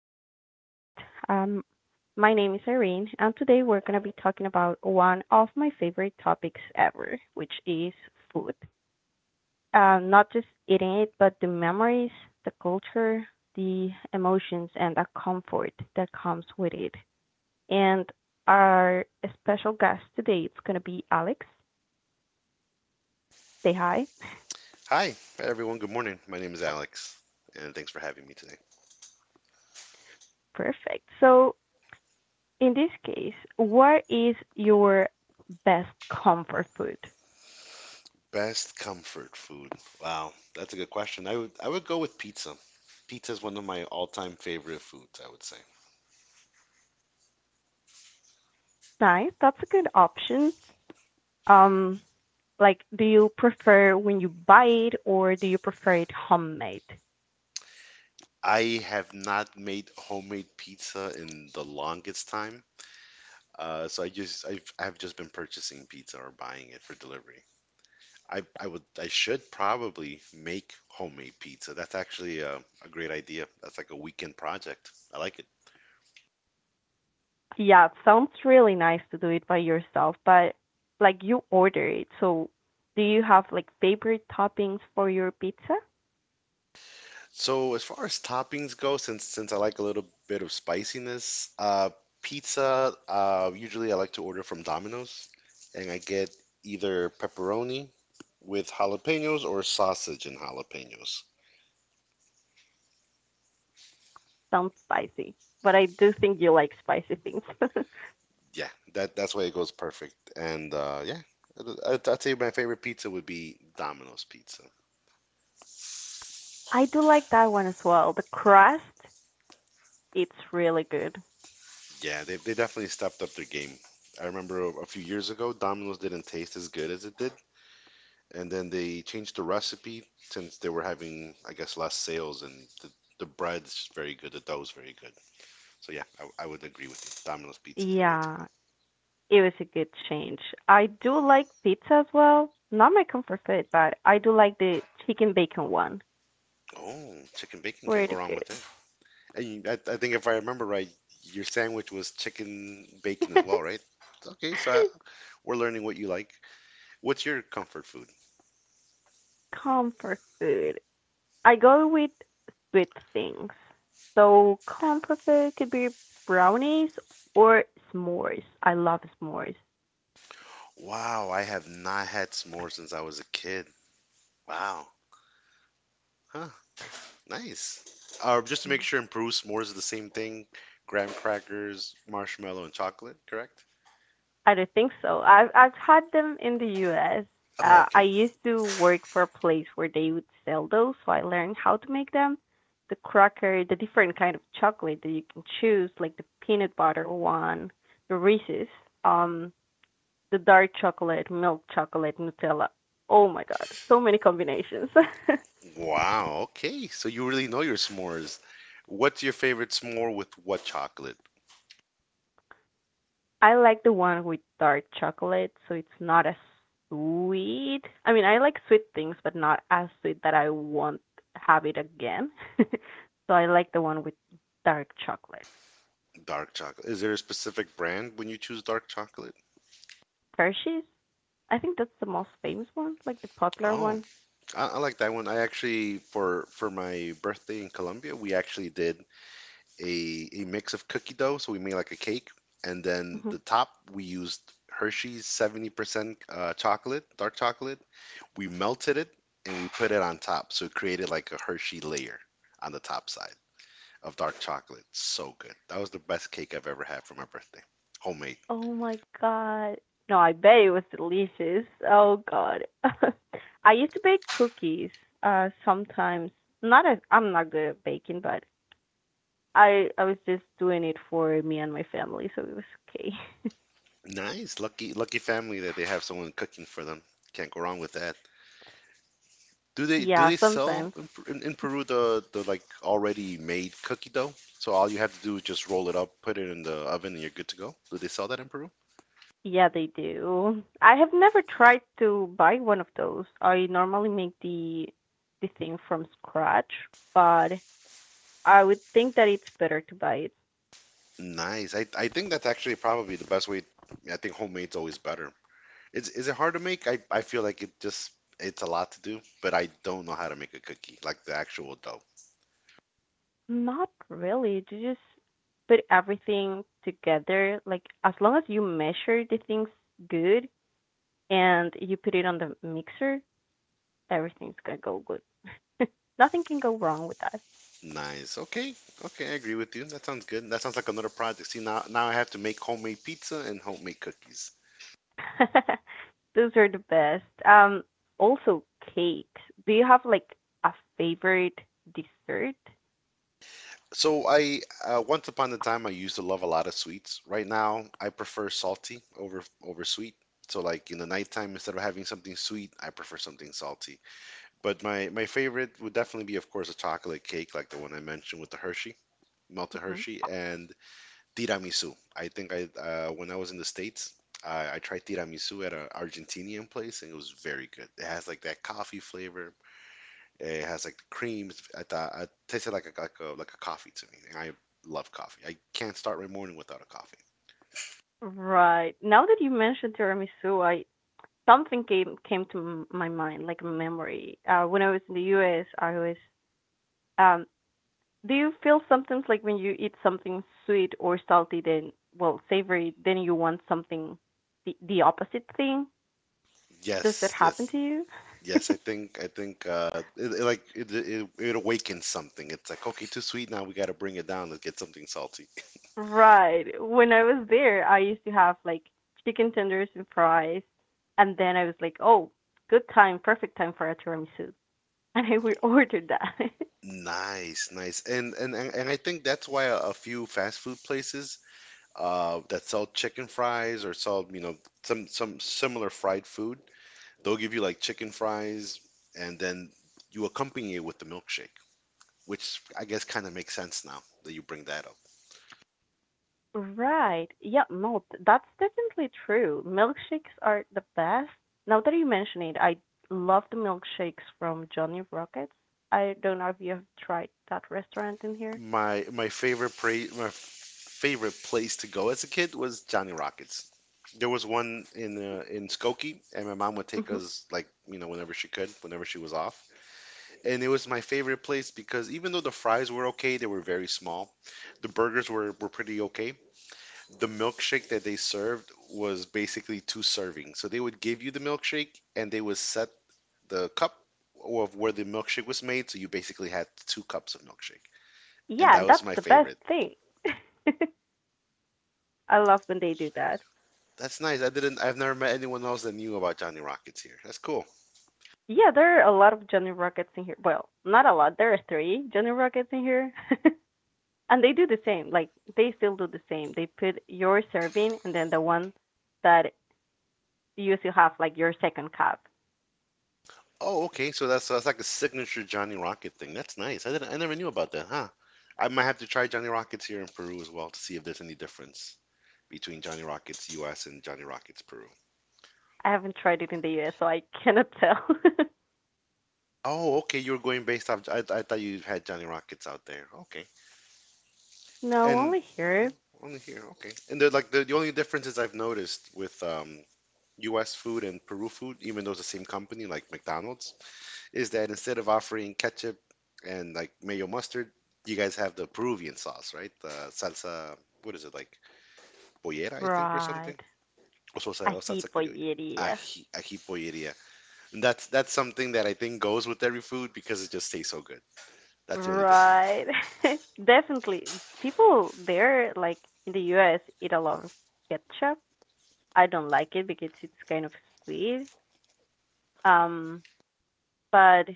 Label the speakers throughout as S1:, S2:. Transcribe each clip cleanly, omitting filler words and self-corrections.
S1: to our podcast. Um, my name is Irene, and today we're going to be talking about one of my favorite topics ever, which is food. Not just eating it, but the memories, the culture, the emotions, and the comfort that comes with it. And our special guest today is going to be Alex. Say hi.
S2: Hi, everyone. Good morning. My name is Alex, and thanks for having me today.
S1: Perfect. So, in this case, what is your best comfort food?
S2: Best comfort food. Wow, that's a good question. I would go with pizza. Pizza is one of my all-time favorite foods, I would say.
S1: Nice. That's a good option. Um, like, do you prefer when you buy it or do you prefer it homemade?
S2: I have not made homemade pizza in the longest time. So I've just been purchasing pizza or buying it for delivery. I would I should probably make homemade pizza. That's actually a great idea. That's like a weekend project. I like it.
S1: Yeah, it sounds really nice to do it by yourself, but like you order it. So, do you have like favorite toppings for your pizza?
S2: So as far as toppings go, since I like a little bit of spiciness, pizza, usually I like to order from Domino's, and I get either pepperoni with jalapenos or sausage and jalapenos.
S1: Sounds spicy, but I do think you like spicy things.
S2: Yeah, that's why it goes perfect. And yeah, I- would I'd say my favorite pizza would be Domino's pizza.
S1: I do like that one as well. The crust, it's really good.
S2: Yeah, they definitely stepped up their game. I remember a few years ago, Domino's didn't taste as good as it did, and then they changed the recipe since they were having, I guess, less sales, and the, the bread's very good, the dough's very good. So yeah, I would agree with you. Domino's Pizza is the way to go.
S1: Yeah, it was a good change. I do like pizza as well. Not my comfort food, but I do like the chicken bacon one.
S2: Oh, chicken bacon can't go
S1: Really
S2: wrong
S1: good.
S2: with it. And you, I think if I remember right, your sandwich was chicken bacon as well, right? Okay, so I, we're learning what you like. What's your comfort food?
S1: Comfort food. I go with sweet things. So comfort food could be brownies or s'mores. I love s'mores.
S2: Wow, I have not had s'mores since I was a kid. Wow. Huh. Nice. Just to make sure, in Peru, s'mores is the same thing: graham crackers, marshmallow, and chocolate. Correct?
S1: I don't think so. I've had them in the U.S.
S2: Oh,
S1: I
S2: okay.
S1: used to work for a place where they would sell those, so I learned how to make them. The cracker, the different kind of chocolate that you can choose, like the peanut butter one, the Reese's, um, the dark chocolate, milk chocolate, Nutella. Oh my God, so many combinations.
S2: Wow. Okay. So you really know your s'mores. What's your favorite s'more with what chocolate?
S1: I like the one with dark chocolate, so it's not as sweet. I mean, I like sweet things, but not as sweet that I won't have it again. So I like the one with dark chocolate.
S2: Dark chocolate. Is there a specific brand when you choose dark chocolate?
S1: Hershey's? I think that's the most famous one, like the popular
S2: Oh,
S1: one.
S2: I like that one. I actually for my birthday in Colombia, we actually did a mix of cookie dough, so we made like a cake, and then
S1: Hmm.
S2: the top we used Hershey's 70% chocolate, dark chocolate. We melted it and we put it on top, so it created like a Hershey layer on the top side of dark chocolate. So good. That was the best cake I've ever had for my birthday. Homemade.
S1: Oh my god. No, I bet it was delicious. Oh god. I used to bake cookies sometimes. Not as I'm not good at baking, but I was just doing it for me and my family, so it was okay.
S2: Nice. Lucky lucky family that they have someone cooking for them. Can't go wrong with that. Do they do
S1: Yeah,
S2: they sell
S1: sometimes.
S2: in, in Peru the like already made cookie dough? So all you have to do is just roll it up, put it in the oven, and you're good to go. Do they sell that in Peru?
S1: Yeah, they do. I have never tried to buy one of those. I normally make the thing from scratch, but I would think that it's better to buy it.
S2: Nice. I think that's actually probably the best way. I think homemade's always better. Is it hard to make? I feel like it just it's a lot to do, but I don't know how to make a cookie, like the actual dough.
S1: Not really. To just put everything together, like as long as you measure the things good and you put it on the mixer, everything's gonna go good. Nothing can go wrong with that.
S2: Nice. Okay. Okay, I agree with you. That sounds good. That sounds like another project. See, now I have to make homemade pizza and homemade cookies.
S1: Those are the best. Also cakes. Do you have like a favorite dessert?
S2: So I once upon a time I used to love a lot of sweets. Right now I prefer salty over sweet. So like in the nighttime instead of having something sweet, I prefer something salty. But my favorite would definitely be of course a chocolate cake like the one I mentioned with the Hershey, melted Hershey
S1: Hmm.
S2: and tiramisu. I think I when I was in the States, I tried tiramisu at an Argentinian place and it was very good. It has like that coffee flavor it has like the creams. I thought it tasted like a coffee to me. And I love coffee. I can't start my morning without a coffee.
S1: Right. Now that you mentioned tiramisu, I something came to my mind, like a memory. When I was in the U.S., I was. Um, do you feel sometimes like when you eat something sweet or salty, then well, savory, then you want something the opposite thing? Does that
S2: Yes,
S1: happen
S2: yes,
S1: to you?
S2: yes. I think I think it, it it awakens something. It's like okay, too sweet. Now we got to bring it down. Let's get something salty.
S1: Right. When I was there, I used to have like chicken tenders and fries, and then I was like, "Oh, good time, perfect time for a tiramisu," and I would order that.
S2: Nice, nice. And I think that's why a few fast food places that sell chicken fries or sell, you know, some similar fried food, they'll give you like chicken fries and then you accompany it with the milkshake, which I guess kind of makes sense now that you bring that up.
S1: Right. Yeah, no, that's definitely true. Milkshakes are the best. Now that you mention it, I love the milkshakes from Johnny Rockets. I don't know if you have tried that restaurant in here.
S2: My favorite place to go as a kid was Johnny Rockets. There was one in Skokie, and my mom would take
S1: Hmm.
S2: us like you know whenever she could, whenever she was off. And it was my favorite place because even though the fries were okay, they were very small. The burgers were pretty okay. The milkshake that they served was basically two servings. So they would give you the milkshake and they would set the cup of where the milkshake was made, so you basically had two cups of milkshake, and
S1: Yeah,
S2: that was
S1: that's
S2: my
S1: the best
S2: favorite.
S1: thing. I love when they do that.
S2: That's nice. I didn't. I've never met anyone else that knew about Johnny Rockets here. That's cool.
S1: Yeah, there are a lot of Johnny Rockets in here. Well, not a lot. There are three Johnny Rockets in here. And they do the same. Like, they still do the same. They put your serving and then the one that you still have, like your second cup.
S2: Oh, okay. So that's like a signature Johnny Rocket thing. That's nice. I didn't. I never knew about that, huh? I might have to try Johnny Rockets here in Peru as well to see if there's any difference between Johnny Rockets U.S. and Johnny Rockets Peru.
S1: I haven't tried it in the US, so I cannot tell.
S2: Oh, okay. You were going based off. I thought you had Johnny Rockets out there. Okay.
S1: No,
S2: And
S1: only
S2: mm,
S1: here.
S2: only here, okay. And they're like the only differences I've noticed with U.S. food and Peru food, even though it's the same company like McDonald's, is that instead of offering ketchup and like mayo mustard, you guys have the Peruvian sauce, right? The salsa, what is it like pollera, I think, or something,
S1: Right. A
S2: or salsa criolla.
S1: hipoyeria.
S2: Ají, ají polleria. And that's something that I think goes with every food because it just tastes so good. That's the only difference.
S1: Right. Definitely. People there, like in the US, eat a lot of ketchup. I don't like it because it's kind of sweet. Um, but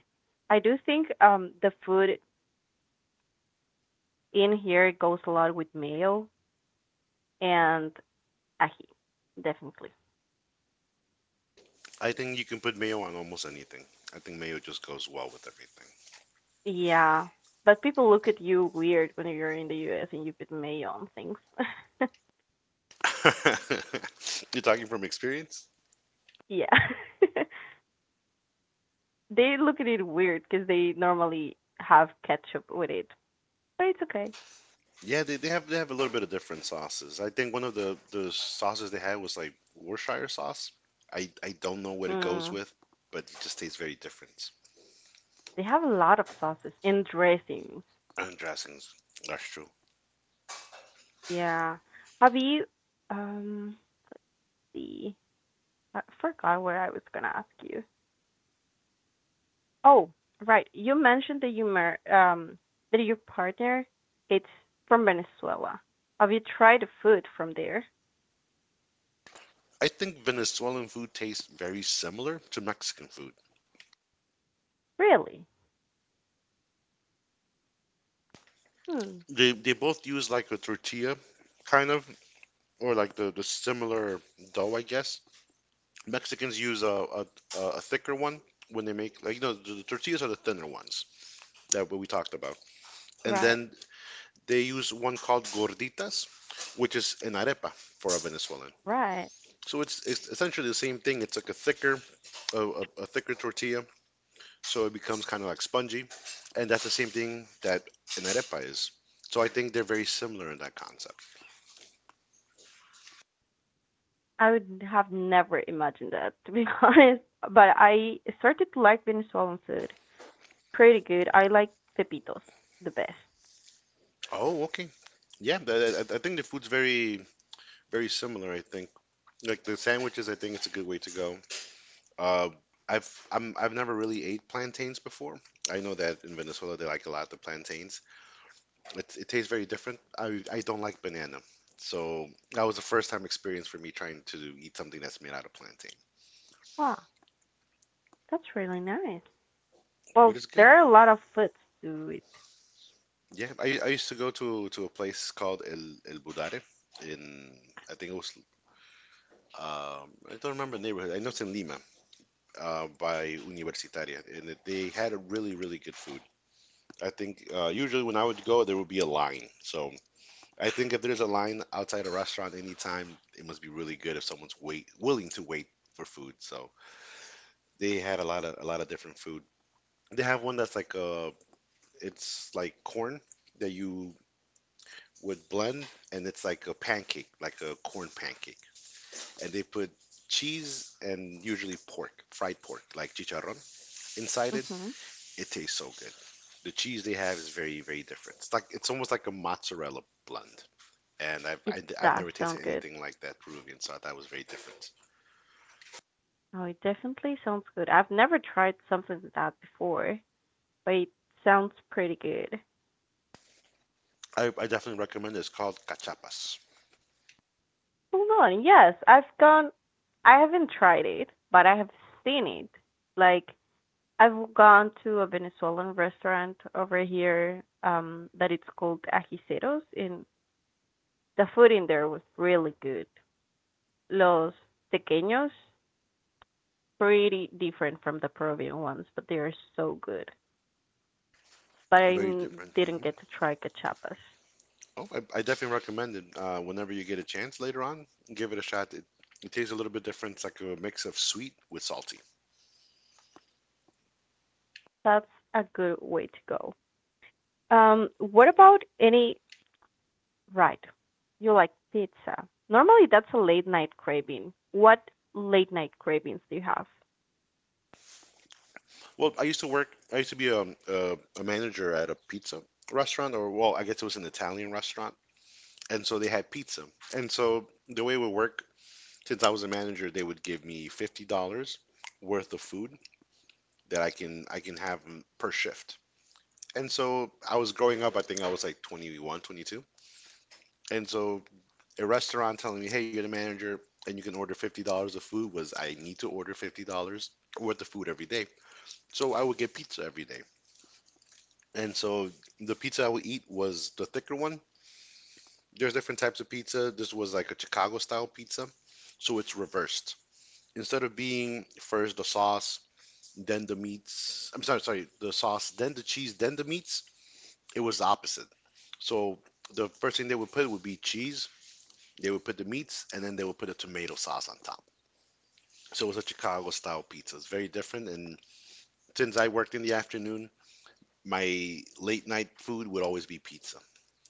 S1: I do think the food in here goes a lot with mayo and ají, definitely.
S2: I think you can put mayo on almost anything. I think mayo just goes well with everything.
S1: Yeah, but people look at you weird when you're in the US and you put mayo on things.
S2: You're talking from experience?
S1: Yeah. They look at it weird because they normally have ketchup with it, but it's okay.
S2: Yeah, they have a little bit of different sauces. I think one of the sauces they had was like Worcestershire sauce. I don't know what it goes
S1: Mm.
S2: with, but it just tastes very different.
S1: They have a lot of sauces and dressings.
S2: And dressings, that's true.
S1: Yeah. Have you, um, see, I forgot what I was gonna ask you. Oh, right. You mentioned that your partner it's from Venezuela. Have you tried the food from there?
S2: I think Venezuelan food tastes very similar to Mexican food.
S1: Really? Hmm.
S2: They both use like a tortilla, kind of, or like the similar dough, I guess. Mexicans use a thicker one when they make like you know the tortillas are the thinner ones that we talked about. And
S1: Right.
S2: then they use one called gorditas, which is an arepa for a Venezuelan.
S1: Right.
S2: So it's essentially the same thing. It's like a thicker tortilla, so it becomes kind of like spongy, and that's the same thing that an arepa is. So I think they're very similar in that concept.
S1: I would have never imagined that to be honest. But I started to like Venezuelan food. Pretty good. I like pepitos the best.
S2: Oh, okay. Yeah, I think the food's very very similar. I think like the sandwiches. I think it's a good way to go. Uh, I've never really ate plantains before. I know that in Venezuela they like a lot the plantains. It tastes very different. I don't like banana. So that was the first time experience for me trying to eat something that's made out of plantain.
S1: Wow, that's really nice.
S2: But
S1: Well,
S2: it's good.
S1: there are a lot of foods to it.
S2: Yeah, I used to go to a place called El Budare in, I think it was, I don't remember the neighborhood. I know it's in Lima, by Universitaria. And they had a really, really good food. I think usually when I would go, there would be a line. So I think if there's a line outside a restaurant anytime, it must be really good if someone's wait willing to wait for food. So they had a lot of different food. They have one that's like a it's like corn that you would blend and it's like a pancake, like a corn pancake. And they put cheese and usually pork, fried pork, like chicharrón inside it.
S1: Mhm.
S2: It tastes so good. The cheese they have is very very different. It's like it's almost like a mozzarella blend. And I've,
S1: It
S2: I have
S1: does
S2: never tasted
S1: sound good.
S2: anything like that Peruvian, so I thought it was very different.
S1: Oh, it definitely sounds good. I've never tried something like that before, but it sounds pretty good.
S2: I definitely recommend it. It's called cachapas.
S1: Hold on. Yes, I've gone. I haven't tried it, but I have seen it. Like I've gone to a Venezuelan restaurant over here, that it's called Ajiceros, and the food in there was really good. Los tequeños, pretty different from the Peruvian ones, but they are so good. But I
S2: Very different.
S1: didn't get to try cachapas.
S2: Oh, I definitely recommend it. Whenever you get a chance later on, give it a shot. It tastes a little bit different. It's like a mix of sweet with salty.
S1: That's a good way to go. What about any Right? You like pizza. Normally, that's a late night craving. What late night cravings do you have?
S2: Well, I used to be a manager at a pizza restaurant, or well, I guess it was an Italian restaurant. And so they had pizza. And so the way it would work, since I was a manager, they would give me $50 worth of food that I can have per shift. And so I was growing up, I think I was like 21, 22. And so a restaurant telling me, "Hey, you're the manager, and you can order $50 of food." Was I need to order $50 worth of food every day? So I would get pizza every day, and so the pizza I would eat was the thicker one. There's different types of pizza. This was like a Chicago style pizza, so it's reversed. Instead of being first the sauce, then the meats. Sorry, the sauce, then the cheese, then the meats. It was the opposite. So the first thing they would put would be cheese. They would put the meats, and then they would put a tomato sauce on top. So it was a Chicago style pizza. It's very different. And since I worked in the afternoon, my late night food would always be pizza,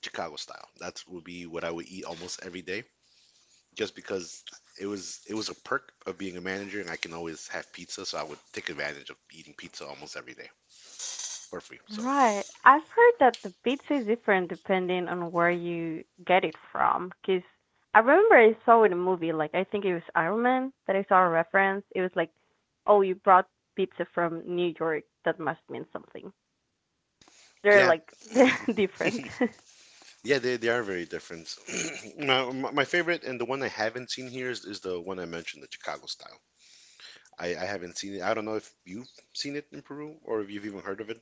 S2: Chicago style. That would be what I would eat almost every day, just because it was a perk of being a manager, and I can always have pizza. So I would take advantage of eating pizza almost every day for free. So
S1: Right. I've heard that the pizza is different depending on where you get it from. Because I remember I saw in a movie, like, I think it was Iron Man that I saw a reference. It was like, oh, you brought pizza from New York. That must mean something. They're
S2: yeah.
S1: like, they're different.
S2: Yeah, they are very different. My favorite and the one I haven't seen here is the one I mentioned, the Chicago style. I haven't seen it. I don't know if you've seen it in Peru or if you've even heard of it.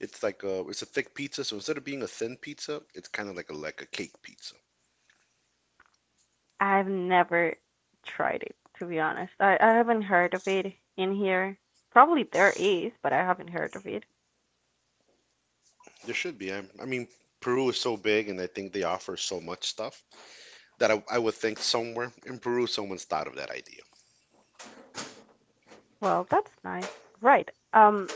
S2: It's like a thick pizza, so instead of being a thin pizza, it's kind of like a cake pizza.
S1: I've never tried it, to be honest. I haven't heard of it in here. Probably there is, but I haven't heard of it.
S2: There should be. I mean, Peru is so big, and I think they offer so much stuff that I would think somewhere in Peru someone's thought of that idea.
S1: Well, that's nice. Right. Um,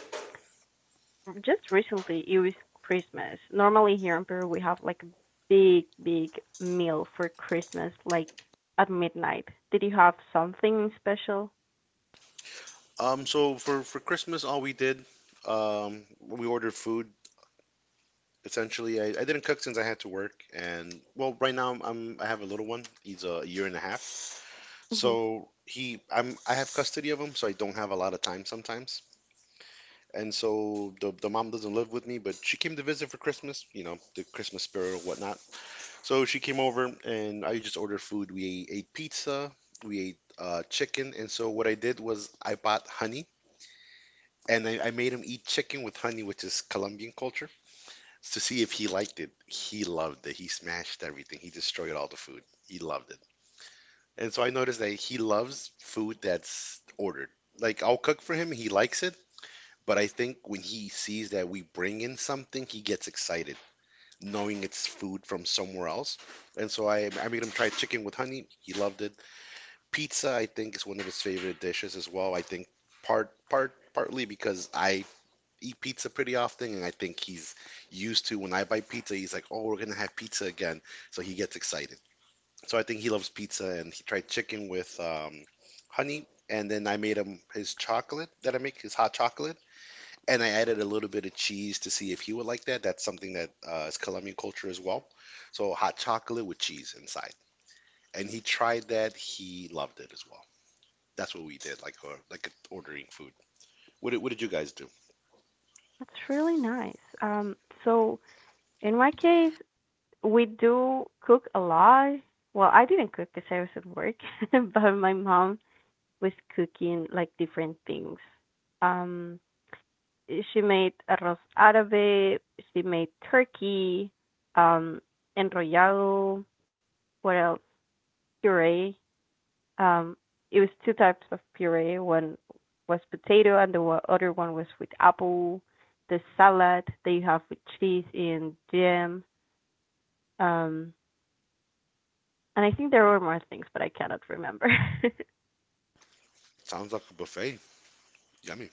S1: just recently it was Christmas. Normally here in Peru we have like a big, big meal for Christmas, like at midnight. Did you have something special?
S2: So for Christmas, all we did, we ordered food. Essentially, I didn't cook since I had to work, and well, right now I have a little one. He's a year and a half.
S1: Hmm.
S2: So I have custody of him, so I don't have a lot of time sometimes. And so the mom doesn't live with me, but she came to visit for Christmas, you know, the Christmas spirit or whatnot. So she came over, and I just ordered food. We ate pizza, we ate chicken, and so what I did was I bought honey, and I made him eat chicken with honey, which is Colombian culture, to see if he liked it. He loved it. He smashed everything. He destroyed all the food. He loved it. And so I noticed that he loves food that's ordered. Like I'll cook for him, he likes it, but I think when he sees that we bring in something, he gets excited, knowing it's food from somewhere else. And so I made him try chicken with honey. He loved it. Pizza, I think, is one of his favorite dishes as well. I think partly because I eat pizza pretty often, and I think he's used to when I buy pizza, he's like, "Oh, we're gonna have pizza again," so he gets excited. So I think he loves pizza, and he tried chicken with honey. And then I made him his chocolate that I make, his hot chocolate, and I added a little bit of cheese to see if he would like that. That's something that is Colombian culture as well. So hot chocolate with cheese inside, and he tried that. He loved it as well. That's what we did, like like ordering food. What did you guys do?
S1: That's really nice. Um, so in my case, we do cook a lot. Well, I didn't cook because I was at work, but my mom was cooking like different things. Um, she made arroz árabe, she made turkey, um, enrollado, what else? Puree. Um, it was two types of puree. One was potato, and the other one was with apple. The salad that you have with cheese and jam. Um, and I think there were more things, but I cannot remember.
S2: Sounds like a buffet. Yummy.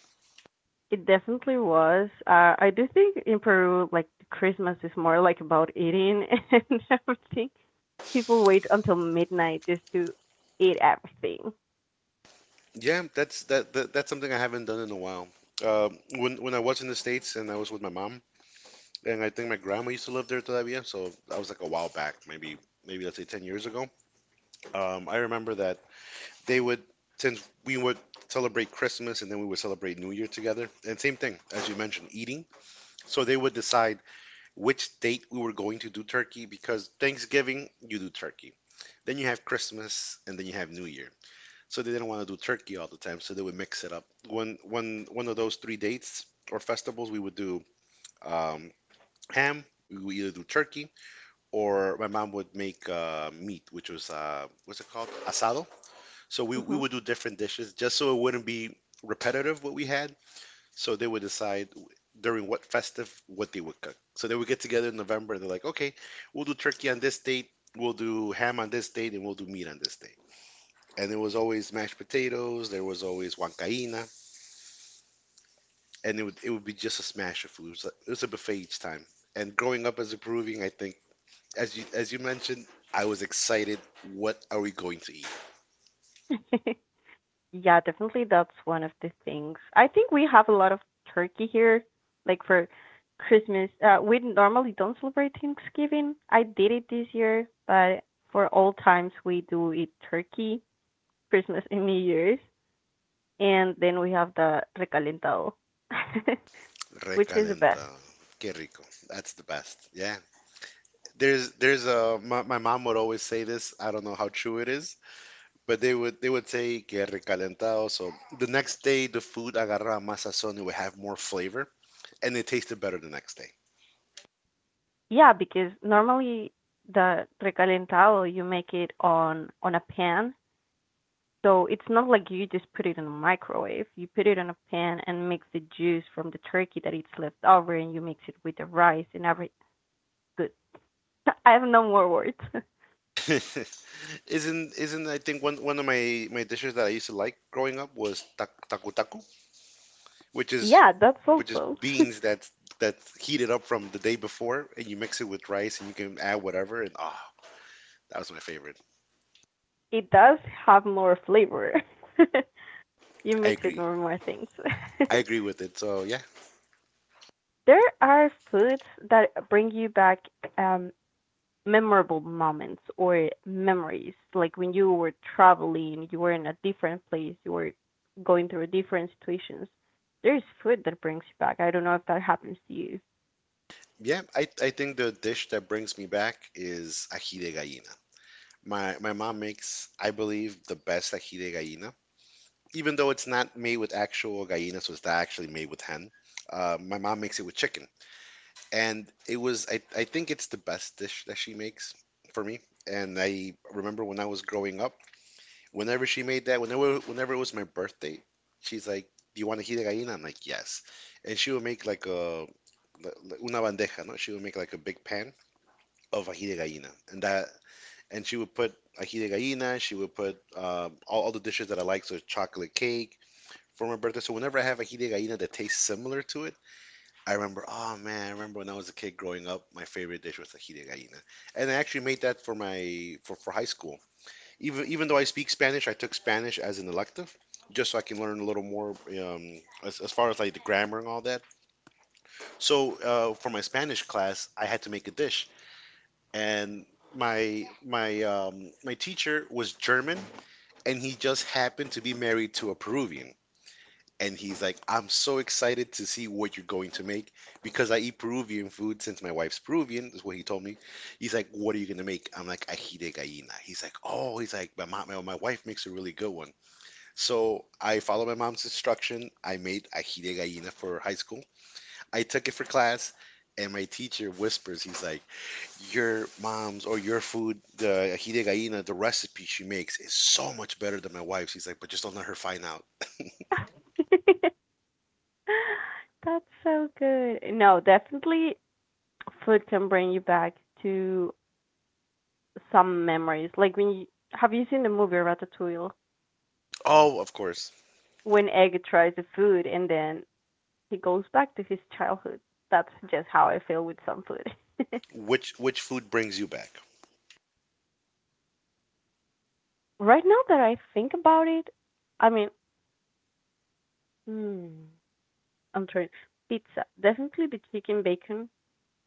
S1: It definitely was. I do think in Peru, like Christmas is more like about eating and everything. People wait until midnight just to eat everything.
S2: Yeah, that's that, that that's something I haven't done in a while. When I was in the States and I was with my mom, and I think my grandma used to live there todavía, so that was like a while back, maybe let's say 10 years ago. I remember that they would, since we would celebrate Christmas and then we would celebrate New Year together, and same thing as you mentioned, eating. So they would decide which date we were going to do turkey because Thanksgiving you do turkey, then you have Christmas and then you have New Year. So they didn't want to do turkey all the time, so they would mix it up. One of those three dates or festivals, we would do um, ham. We would either do turkey or my mom would make meat, which was what's it called? Asado. So we
S1: Hmm.
S2: would do different dishes just so it wouldn't be repetitive what we had. So they would decide during what festive what they would cook. So they would get together in November and they're like, okay, we'll do turkey on this date, we'll do ham on this date, and we'll do meat on this date. And there was always mashed potatoes, there was always huancaina, and it would be just a smash of food. It was a buffet each time. And growing up as a Peruvian, I think as you mentioned, I was excited. What are we going to eat?
S1: Yeah, definitely that's one of the things. I think we have a lot of turkey here, like for Christmas. We normally don't celebrate Thanksgiving. I did it this year, but for all times we do eat turkey, Christmas and New Year's, and then we have the recalentado, which is the best.
S2: Recalentado. Qué rico. That's the best. Yeah. There's a my mom would always say this. I don't know how true it is, but they would say que recalentado. So the next day the food agarraba más sazón. It would have more flavor, and it tasted better the next day.
S1: Yeah, because normally the recalentado you make it on a pan, so it's not like you just put it in a microwave. You put it on a pan and mix the juice from the turkey that it's left over, and you mix it with the rice and everything. Good. I have no more words.
S2: Isn't I think one of my dishes that I used to like growing up was taku taku, which is
S1: Yeah, that's also.
S2: beans that's heated up from the day before, and you mix it with rice, and you can add whatever. And ah, that was my favorite.
S1: It does have more flavor. You
S2: I
S1: mix it with
S2: agree.
S1: more things.
S2: I agree with it. So yeah,
S1: There are foods that bring you back um, memorable moments or memories, like when you were traveling, you were in a different place, you were going through different situations. There's food that brings you back. I don't know if that happens to you.
S2: yeah. I think the dish that brings me back is ají de gallina. My mom makes, I believe, the best ají de gallina. Even though it's not made with actual gallina, so it's not actually made with hen. My mom makes it with chicken, and it was I think it's the best dish that she makes for me. And I remember when I was growing up, whenever she made that, whenever it was my birthday, she's like, "Do you want ají de gallina?" I'm like, "Yes." And she would make like a una bandeja, no? She would make like a big pan of ají de gallina, and that and she would put ají de gallina. She would put all the dishes that I like, so chocolate cake for my birthday. So whenever I have ají de gallina that tastes similar to it, I remember, oh man, I remember when I was a kid growing up, my favorite dish was ají de gallina, and I actually made that for my for high school. Even though I speak Spanish, I took Spanish as an elective just so I can learn a little more as far as like the grammar and all that. So for my Spanish class, I had to make a dish, and my teacher was German, and he just happened to be married to a Peruvian. And he's like, I'm so excited to see what you're going to make because I eat Peruvian food since my wife's Peruvian, is what he told me. He's like, What are you going to make? I'm like, Ají de gallina. He's like, Oh, he's like, my wife makes a really good one. So I followed my mom's instruction. I made ají de gallina for high school. I took it for class, and my teacher whispers, he's like, "Your mom's or your food, the ají de gallina, the recipe she makes is so much better than my wife's." He's like, "But just don't let her find out."
S1: That's so good. No, definitely food can bring you back to some memories. Like when you Have you seen the movie Ratatouille?
S2: Oh, of course.
S1: When Egg tries the food and then he goes back to his childhood. That's just how I feel with some food.
S2: Which food brings you back?
S1: Right now that I think about it, I mean, mm, I'm trying pizza. Definitely the chicken bacon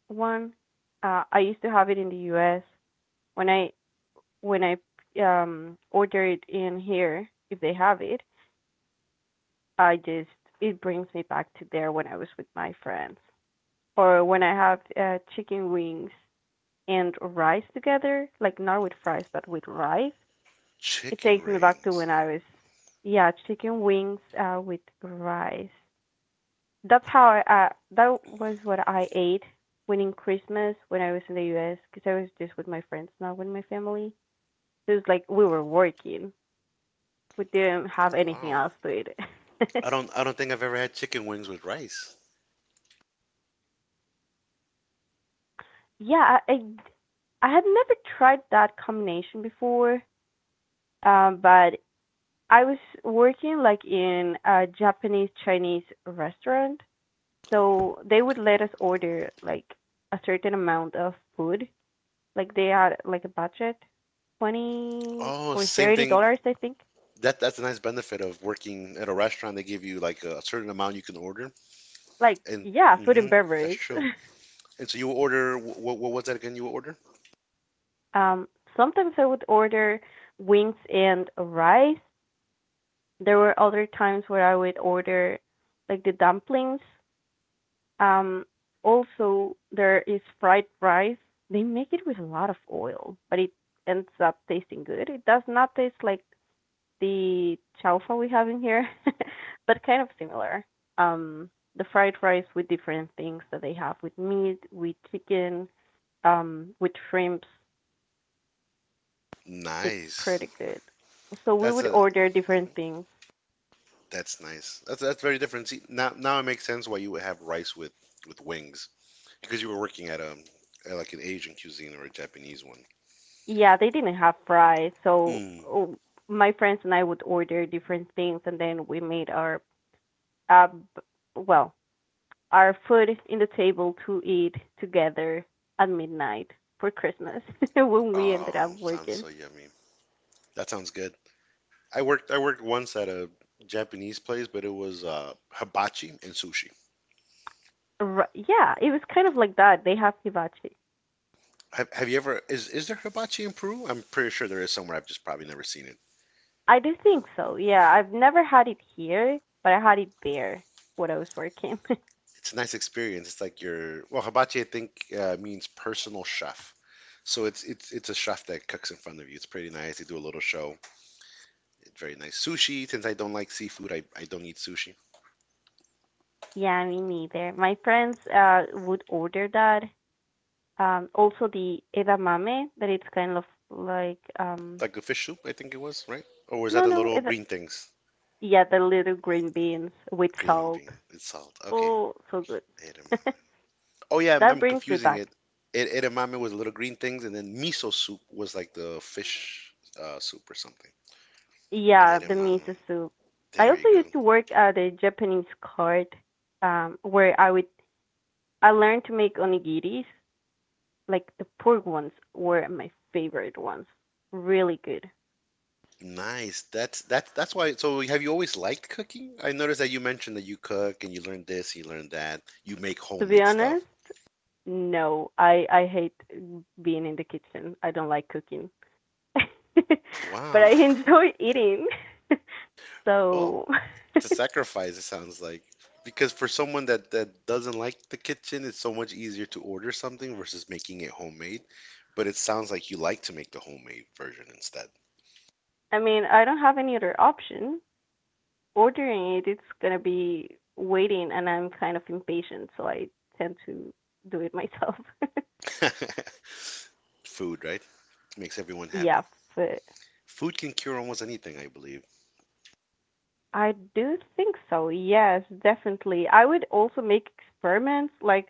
S1: one. I used to have it in the U.S. when I when I order it in here if they have it. I just It brings me back to there when I was with my friends or when I have chicken wings and rice together, like not with fries but with rice. It
S2: Chicken
S1: takes me back to
S2: rings.
S1: when I was, yeah, chicken wings with rice. That's how I, uh, that was what I ate when in Christmas when I was in the U.S. because I was just with my friends, not with my family. So it was like we were working. We didn't have anything
S2: Wow.
S1: else to eat.
S2: I don't think I've ever had chicken wings with rice.
S1: Yeah, I had never tried that combination before, but I was working like in a Japanese Chinese restaurant. So they would let us order like a certain amount of food. Like they had like a budget, twenty
S2: Oh,
S1: or
S2: same
S1: thirty
S2: thing.
S1: dollars, I think.
S2: That's a nice benefit of working at a restaurant. They give you like a certain amount you can order.
S1: Like
S2: And
S1: yeah, food and
S2: hmm, that's
S1: beverage.
S2: true. And so you order what? What was that again? You order?
S1: um, sometimes I would order wings and rice. There were other times where I would order like the dumplings. Um, also there is fried rice. They make it with a lot of oil, but it ends up tasting good. It does not taste like the chaufa we have in here, but kind of similar. Um, the fried rice with different things that they have with meat, with chicken, with shrimps. It's
S2: Nice.
S1: pretty good. So we
S2: That's
S1: would
S2: a
S1: order
S2: mm-hmm,
S1: different things.
S2: that's nice. That's very different. See, now it makes sense why you would have rice with wings because you were working at a at like an Asian cuisine or a Japanese one.
S1: Yeah, they didn't have fries, so
S2: Mm.
S1: oh, my friends and I would order different things, and then we made our uh, b- well our food in the table to eat together at midnight for Christmas when we ended up
S2: Oh, sounds
S1: working.
S2: so yummy. That sounds good. I worked once at a Japanese place, but it was hibachi and sushi.
S1: Yeah, it was kind of like that. They have hibachi.
S2: Have you ever is there hibachi in Peru? I'm pretty sure there is somewhere. I've just probably never seen it.
S1: I do think so. Yeah, I've never had it here, but I had it there when I was working.
S2: It's a nice experience. It's like your well, hibachi I think means personal chef. So it's it's a chef that cooks in front of you. It's pretty nice. They do a little show. It's very nice. Sushi, since I don't like seafood, I don't eat sushi.
S1: Yeah, me neither. My friends would order that. Also the edamame, that it's kind of like.
S2: Like the fish soup, I think it was, right? Or was that
S1: no
S2: the
S1: no
S2: little
S1: eda-
S2: green things?
S1: Yeah, the little green beans with
S2: Green
S1: salt.
S2: bean. It's salt. Okay.
S1: Oh, so good.
S2: Edamame. Oh yeah, I'm,
S1: That
S2: I'm
S1: brings me
S2: confusing it.
S1: back.
S2: Edamame was little green things, and then miso soup was like the fish soup or something.
S1: Yeah, the
S2: Edamame.
S1: miso soup. I
S2: There
S1: also
S2: you go.
S1: used to work at a Japanese cart where I would I learned to make onigiris. Like the pork ones were my favorite ones. Really good.
S2: Nice. That's why. So have you always liked cooking? I noticed that you mentioned that you cook and you learned this, you learned that, you make
S1: To be
S2: homemade stuff.
S1: honest, no, I hate being in the kitchen. I don't like cooking, but
S2: Wow.
S1: I enjoy eating.
S2: Well,
S1: So,
S2: it's a sacrifice, it sounds like. Because for someone that doesn't like the kitchen, it's so much easier to order something versus making it homemade. But it sounds like you like to make the homemade version instead.
S1: I mean, I don't have any other option. Ordering it, it's gonna be waiting, and I'm kind of impatient, so I tend to do it myself.
S2: Food, right? Makes everyone
S1: Yeah,
S2: happy.
S1: food.
S2: Food can cure almost anything, I believe.
S1: I do think so. Yes, definitely. I would also make experiments. Like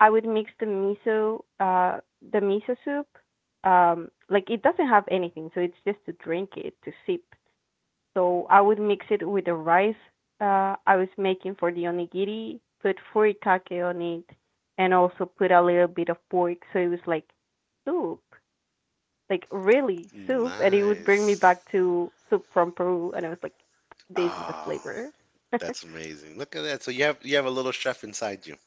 S1: I would mix the miso soup. Like it doesn't have anything, so it's just to drink it, to sip. So I would mix it with the rice I was making for the onigiri, put furikake on it, and also put a little bit of pork, so it was like soup like really soup, and it would bring me
S2: Nice.
S1: back to soup from Peru, and I was like, this is the
S2: Oh.
S1: flavor.
S2: That's amazing. Look at that. So you have a little chef inside you.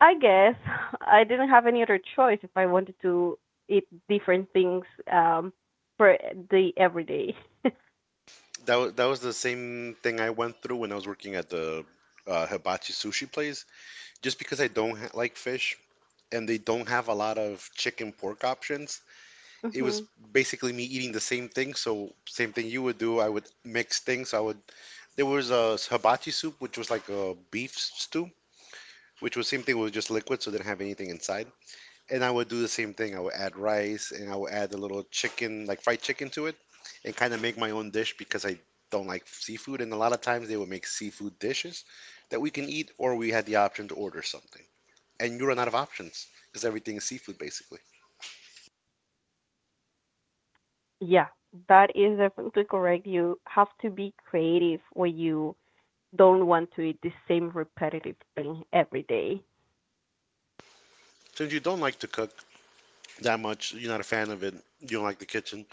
S1: I guess I didn't have any other choice if I wanted to eat different things um for the everyday.
S2: That was the same thing I went through when I was working at the hibachi sushi place. Just because I don't ha like fish and they don't have a lot of chicken pork options, it was
S1: hmm
S2: basically me eating the same thing. So same thing you would do. I would mix things. I would. There was a hibachi soup, which was like a beef stew, which was same thing. Was just liquid, so it didn't have anything inside, and I would do the same thing. I would add rice and I would add a little chicken, like fried chicken to it, and kind of make my own dish because I don't like seafood. And a lot of times they would make seafood dishes that we can eat, or we had the option to order something. And you run out of options because everything is seafood basically.
S1: Yeah, that is definitely correct. You have to be creative when you don't want to eat the same repetitive thing every day.
S2: Since you don't like to cook that much, you're not a fan of it, you don't like the kitchen.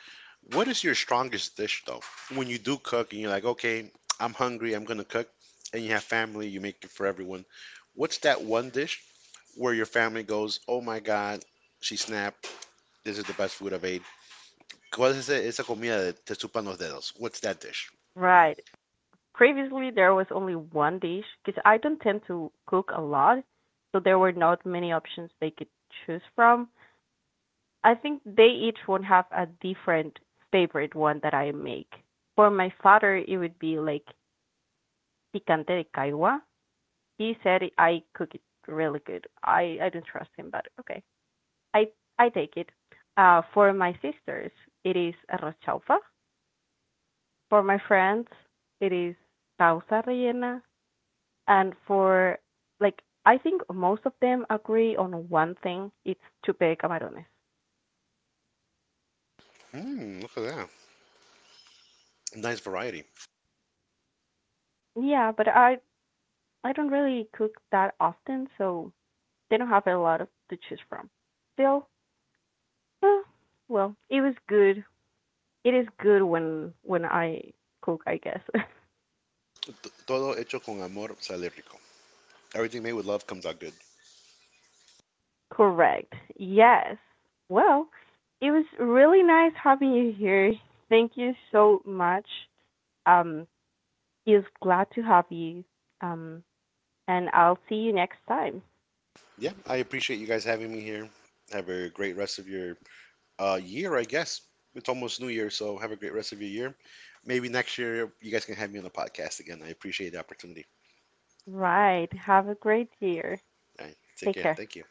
S2: What is your strongest dish though? When you do cook and you're like, okay, I'm hungry, I'm gonna cook, and you have family, you make it for everyone. What's that one dish where your family goes, oh my God, she snapped. This is the best food I've ate. ¿Cuál es esa comida de te chupan los dedos? What's that dish?
S1: Right. Previously, there was only one dish because I don't tend to cook a lot, so there were not many options they could choose from. I think they each would have a different favorite one that I make. For my father, it would be like picante de caigua. He said I cook it really good. I don't trust him, but okay, I I take it. For my sisters, it is arroz chaufa. For my friends, it is causa rellena. And for like I think most of them agree on one thing. It's to bake camarones.
S2: Mmm, look at that. Nice variety.
S1: Yeah, but I don't really cook that often, so they don't have a lot of to choose from. Still, eh, well, it was good. It is good when I cook, I guess.
S2: T- Todo hecho con amor sale rico. Everything made with love comes out good.
S1: Correct. Yes. Well, it was really nice having you here. Thank you so much. Um, is glad to have you. Um, and I'll see you next time.
S2: Yeah, I appreciate you guys having me here. Have a great rest of your year, I guess. It's almost New Year, so have a great rest of your year. Maybe next year you guys can have me on the podcast again. I appreciate the opportunity.
S1: Right. Have a great year.
S2: All right, take
S1: Take
S2: care.
S1: care.
S2: Thank you.